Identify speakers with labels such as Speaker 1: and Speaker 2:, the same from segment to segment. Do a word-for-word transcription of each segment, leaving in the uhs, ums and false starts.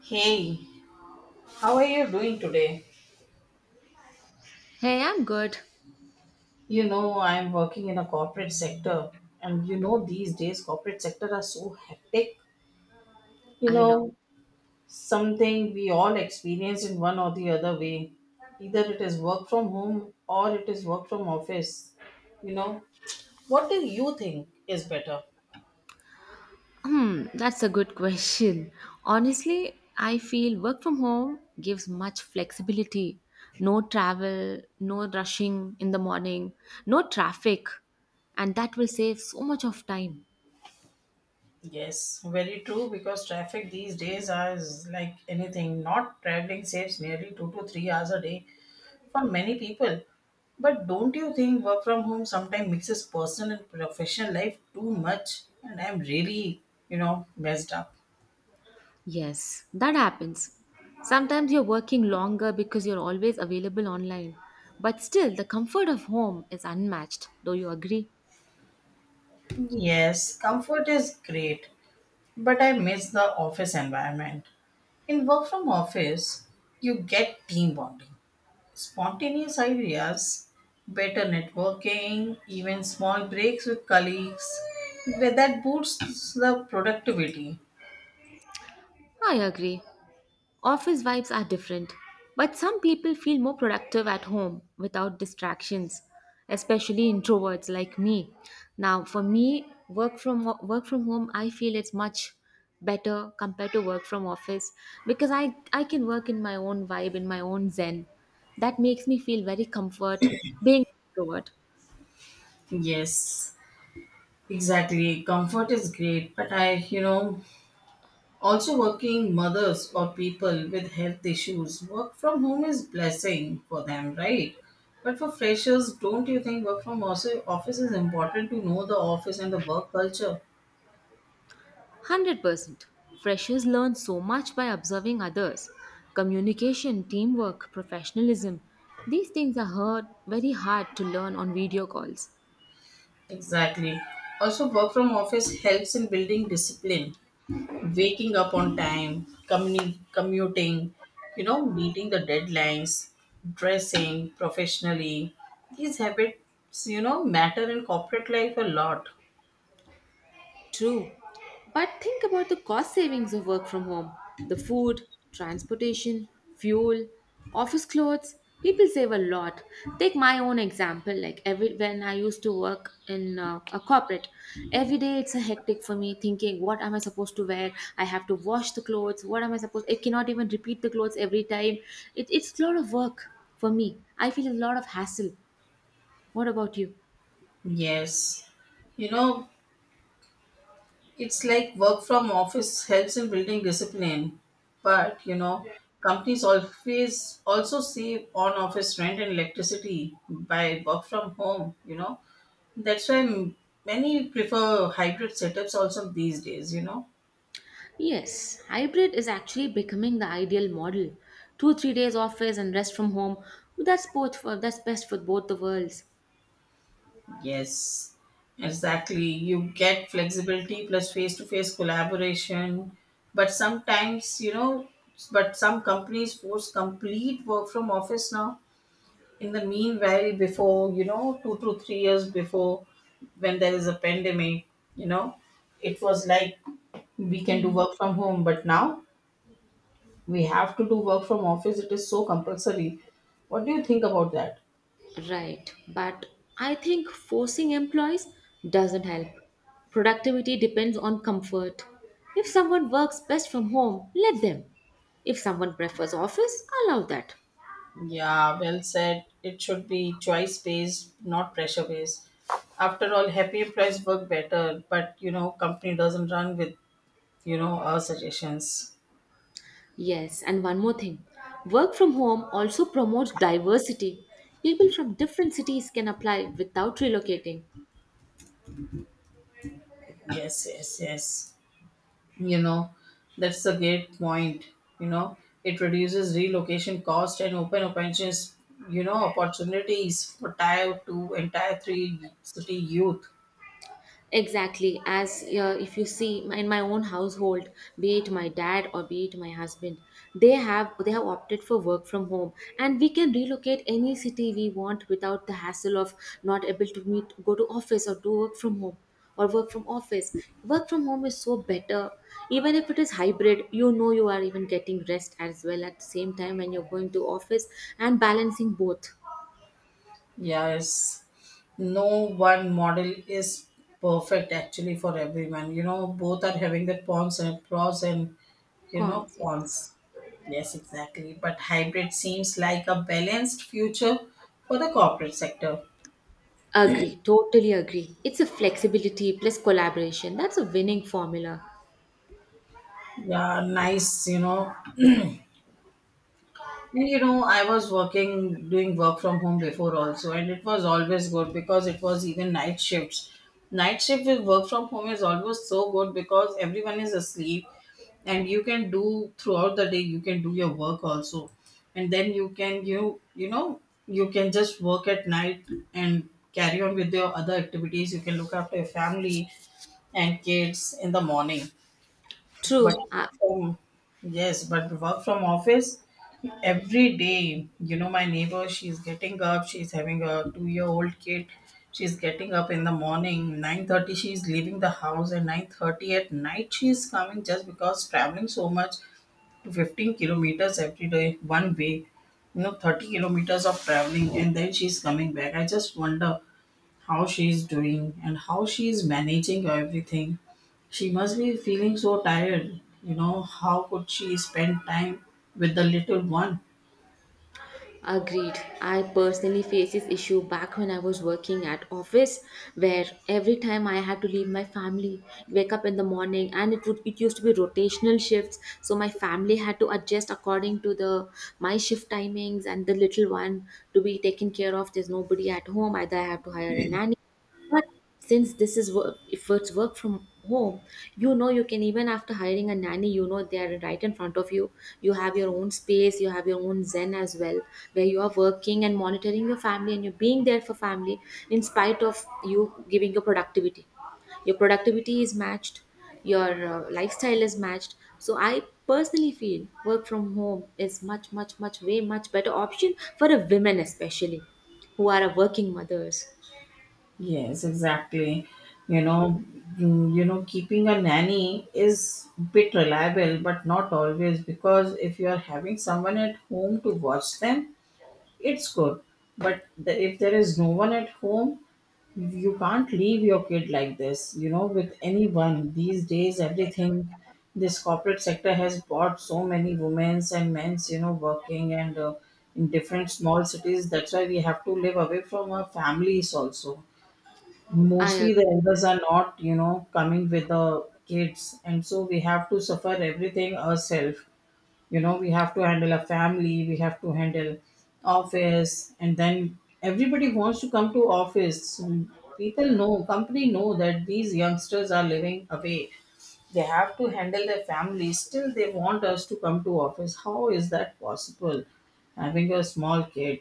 Speaker 1: Hey, how are you doing today?
Speaker 2: Hey, I'm good.
Speaker 1: You know, I'm working in a corporate sector, and you know, these days corporate sector are so hectic. You
Speaker 2: I know.
Speaker 1: know, Something we all experience in one or the other way. Either it is work from home or it is work from office. You know, what do you think is better?
Speaker 2: Hmm, that's a good question. Honestly, I feel work from home gives much flexibility. No travel, no rushing in the morning, no traffic, and that will save so much of time.
Speaker 1: Yes, very true because traffic these days is like anything. Not traveling saves nearly two to three hours a day for many people. But don't you think work from home sometimes mixes personal and professional life too much? And I'm really, you know, messed up.
Speaker 2: Yes, that happens. Sometimes you're working longer because you're always available online. But still, the comfort of home is unmatched. Do you agree?
Speaker 1: Yes, comfort is great, but I miss the office environment. In work from office, you get team bonding, spontaneous ideas, better networking, even small breaks with colleagues. That boosts the productivity.
Speaker 2: I agree. Office vibes are different, but some people feel more productive at home without distractions, especially introverts like me. Now, for me, work from work from home, I feel it's much better compared to work from office because I I can work in my own vibe, in my own zen. That makes me feel very comfort being introvert.
Speaker 1: Yes, exactly. Comfort is great, but I, you know, also working mothers or people with health issues, work from home is blessing for them, right? But for freshers, don't you think work from also office is important to know the office and the work culture?
Speaker 2: one hundred percent. Freshers learn so much by observing others. Communication, teamwork, professionalism. These things are hard, very hard to learn on video calls.
Speaker 1: Exactly. Also, work from office helps in building discipline. Waking up on time, communi- commuting, you know, meeting the deadlines, dressing professionally. These habits, you know, matter in corporate life a lot.
Speaker 2: True. But think about the cost savings of work from home, the food, transportation, fuel, office clothes. People save a lot. Take my own example. Like every when I used to work in uh, a corporate, every day it's a hectic for me. Thinking, what am I supposed to wear? I have to wash the clothes. What am I supposed? I cannot even repeat the clothes every time. It, it's a lot of work for me. I feel a lot of hassle. What about you?
Speaker 1: Yes. You know, it's like work from office helps in building discipline, but you know, companies always also save on office rent and electricity by work from home, you know. That's why m- many prefer hybrid setups also these days, you know.
Speaker 2: Yes, hybrid is actually becoming the ideal model. Two, three days office and rest from home. That's both for that's best for both the worlds.
Speaker 1: Yes, exactly. You get flexibility plus face to face collaboration. But sometimes, you know, but some companies force complete work from office now. In the meanwhile, before, you know, two to three years before, when there is a pandemic, you know, it was like we can do
Speaker 2: Mhm.
Speaker 1: work from home. But now we have to do work from office. It is so compulsory. What do you think about that?
Speaker 2: Right, but I think forcing employees doesn't help. Productivity depends on comfort. If someone works best from home, let them. If someone prefers office, allow that.
Speaker 1: Yeah, well said. It should be choice based, not pressure based. After all, happy employees work better, but you know, company doesn't run with you know our suggestions.
Speaker 2: Yes, and one more thing, work from home also promotes diversity. People from different cities can apply without relocating.
Speaker 1: Yes, yes, yes. You know, that's the great point. You know, it reduces relocation cost and open opportunities. You know, opportunities for tier two and tier three city youth.
Speaker 2: Exactly, as uh, if you see my- in my own household, be it my dad or be it my husband, they have they have opted for work from home, and we can relocate any city we want without the hassle of not able to meet, go to office or do work from home or work from office. Work from home is so better, even if it is hybrid. You know you are even getting rest as well at the same time when you're going to office and balancing both.
Speaker 1: Yes, no one model is perfect actually for everyone. You know, both are having their pros and pros and you know
Speaker 2: Cons.
Speaker 1: cons. Yes, exactly. But hybrid seems like a balanced future for the corporate sector.
Speaker 2: Agree, totally agree. It's a flexibility plus collaboration. That's a winning formula.
Speaker 1: Yeah, nice, you know. And you know, I was working doing work from home before also, and it was always good because it was even night shifts. Night shift with work from home is always so good because everyone is asleep, and you can do throughout the day you can do your work also, and then you can you you know you can just work at night and carry on with your other activities. You can look after your family and kids in the morning. but
Speaker 2: True, I
Speaker 1: from, yes, but work from office every day, you know my neighbor, she's getting up, she's having a two year old kid. She's getting up in the morning nine thirty, she's leaving the house, and nine thirty at night she's coming, just because traveling so much to fifteen kilometers every day one way. you know thirty kilometers of traveling, and then she's coming back. I just wonder how she's doing and how she's managing everything. She must be feeling so tired. You know how could she spend time with the little one?
Speaker 2: agreed. I personally faced this issue back when I was working at office where every time I had to leave my family, wake up in the morning and it would it used to be rotational shifts. So my family had to adjust according to the my shift timings and the little one to be taken care of. There's nobody at home. Either I have to hire a nanny. But since this is work, if it's work from home, you know you can even after hiring a nanny, you know they are right in front of you. You have your own space, you have your own zen as well, where you are working and monitoring your family and you're being there for family in spite of you giving your productivity. Your productivity is matched, your uh, lifestyle is matched. So I personally feel work from home is much, much, much, way much better option for a women especially, who are a working mothers.
Speaker 1: Yes, exactly. You know, mm, you know, Keeping a nanny is bit reliable, but not always because if you are having someone at home to watch them, it's good, but the, if there is no one at home, you can't leave your kid like this, you know, with anyone. These days, everything, this corporate sector has brought so many women's and men's, you know, working and uh, in different small cities. That's why we have to live away from our families also.
Speaker 2: I
Speaker 1: Mostly the
Speaker 2: agree.
Speaker 1: elders are not, you know, coming with the kids, and so we have to suffer everything ourselves. You know we have to handle a family, we have to handle office, and then everybody wants to come to office. People know, company know, that these youngsters are living away, they have to handle their family, still they want us to come to office. How is that possible, having a small kid?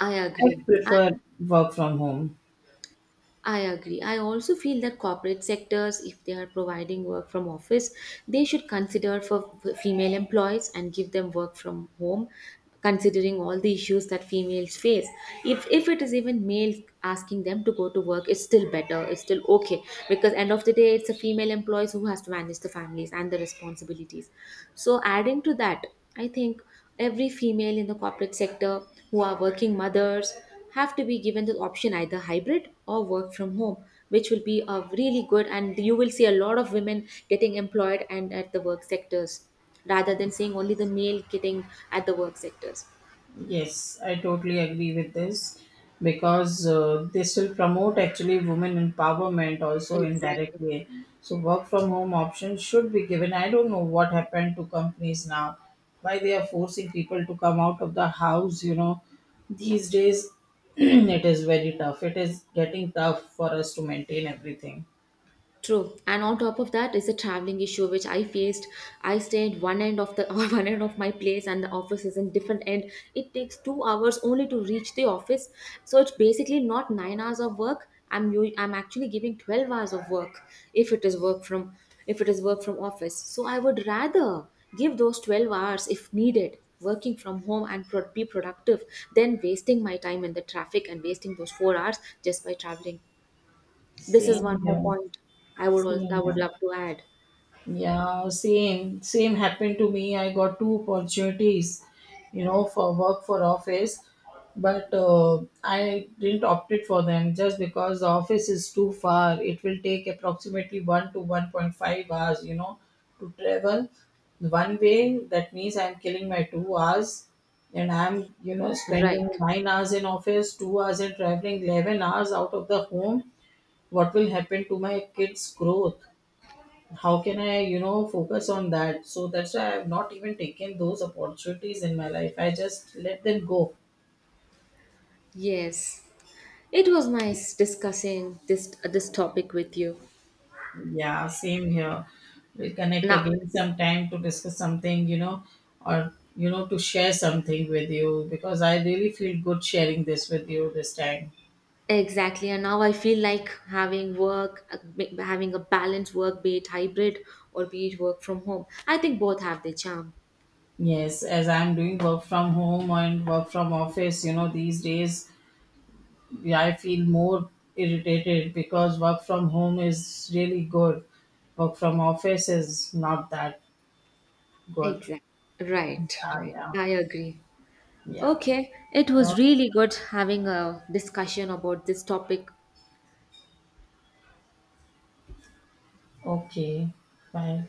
Speaker 2: I
Speaker 1: I
Speaker 2: agree. I,
Speaker 1: prefer work from home.
Speaker 2: I agree. I also feel that corporate sectors, if they are providing work from office, they should consider for f- female employees and give them work from home, considering all the issues that females face. If if it is even male asking them to go to work, it's still better. It's still okay because end of the day, it's a female employees who has to manage the families and the responsibilities. So adding to that, I think every female in the corporate sector who are working mothers have to be given the option either hybrid or work from home, which will be a really good and you will see a lot of women getting employed and at the work sectors rather than seeing only the male getting at the work sectors.
Speaker 1: Yes, I totally agree with this because uh, they still promote actually women empowerment also
Speaker 2: Exactly.
Speaker 1: indirectly. So work from home options should be given. I don't know what happened to companies now, why they are forcing people to come out of the house. You know, these days it is very tough. It is getting tough for us to maintain everything.
Speaker 2: True. And on top of that is the traveling issue which I faced. I stayed one end of the one end of my place and the office is in different end. It takes two hours only to reach the office. So it's basically not nine hours of work. I'm u- I'm actually giving twelve hours of work if it is work from if it is work from office. So I would rather give those twelve hours if needed working from home and pro- be productive than wasting my time in the traffic and wasting those four hours just by traveling. This is
Speaker 1: Same
Speaker 2: one more
Speaker 1: here.
Speaker 2: point I would al-
Speaker 1: Same
Speaker 2: I would
Speaker 1: here.
Speaker 2: love to add.
Speaker 1: Yeah, same. Same happened to me. I got two opportunities, you know, for work for office, but uh, I didn't opt it for them just because the office is too far. It will take approximately one to one point five hours, you know, to travel one way. That means I'm killing my two hours, and I'm you know spending
Speaker 2: Right.
Speaker 1: nine hours in office, two hours in traveling, eleven hours out of the home. What will happen to my kids' growth? How can I you know focus on that? So that's why I have not even taken those opportunities in my life, I just let them go.
Speaker 2: Yes. It was nice discussing this this topic with you.
Speaker 1: Yeah, same here. We'll connect
Speaker 2: Now,
Speaker 1: again sometime to discuss something, you know or you know to share something with you because I really feel good sharing this with you this time.
Speaker 2: exactly. And now I feel like having work, uh, ma- having a balanced work, be it hybrid or be it work from home. I think both have their charm.
Speaker 1: Yes, as I'm doing work from home and work from office, you know, these days, yeah, I feel more irritated because work from home is really good. Work from office is not that God.
Speaker 2: Exactly. Right, right.
Speaker 1: Yeah,
Speaker 2: I agree.
Speaker 1: yeah,
Speaker 2: Okay, it
Speaker 1: yeah.
Speaker 2: was really good having a discussion about this topic.
Speaker 1: Oh, okay. Bye.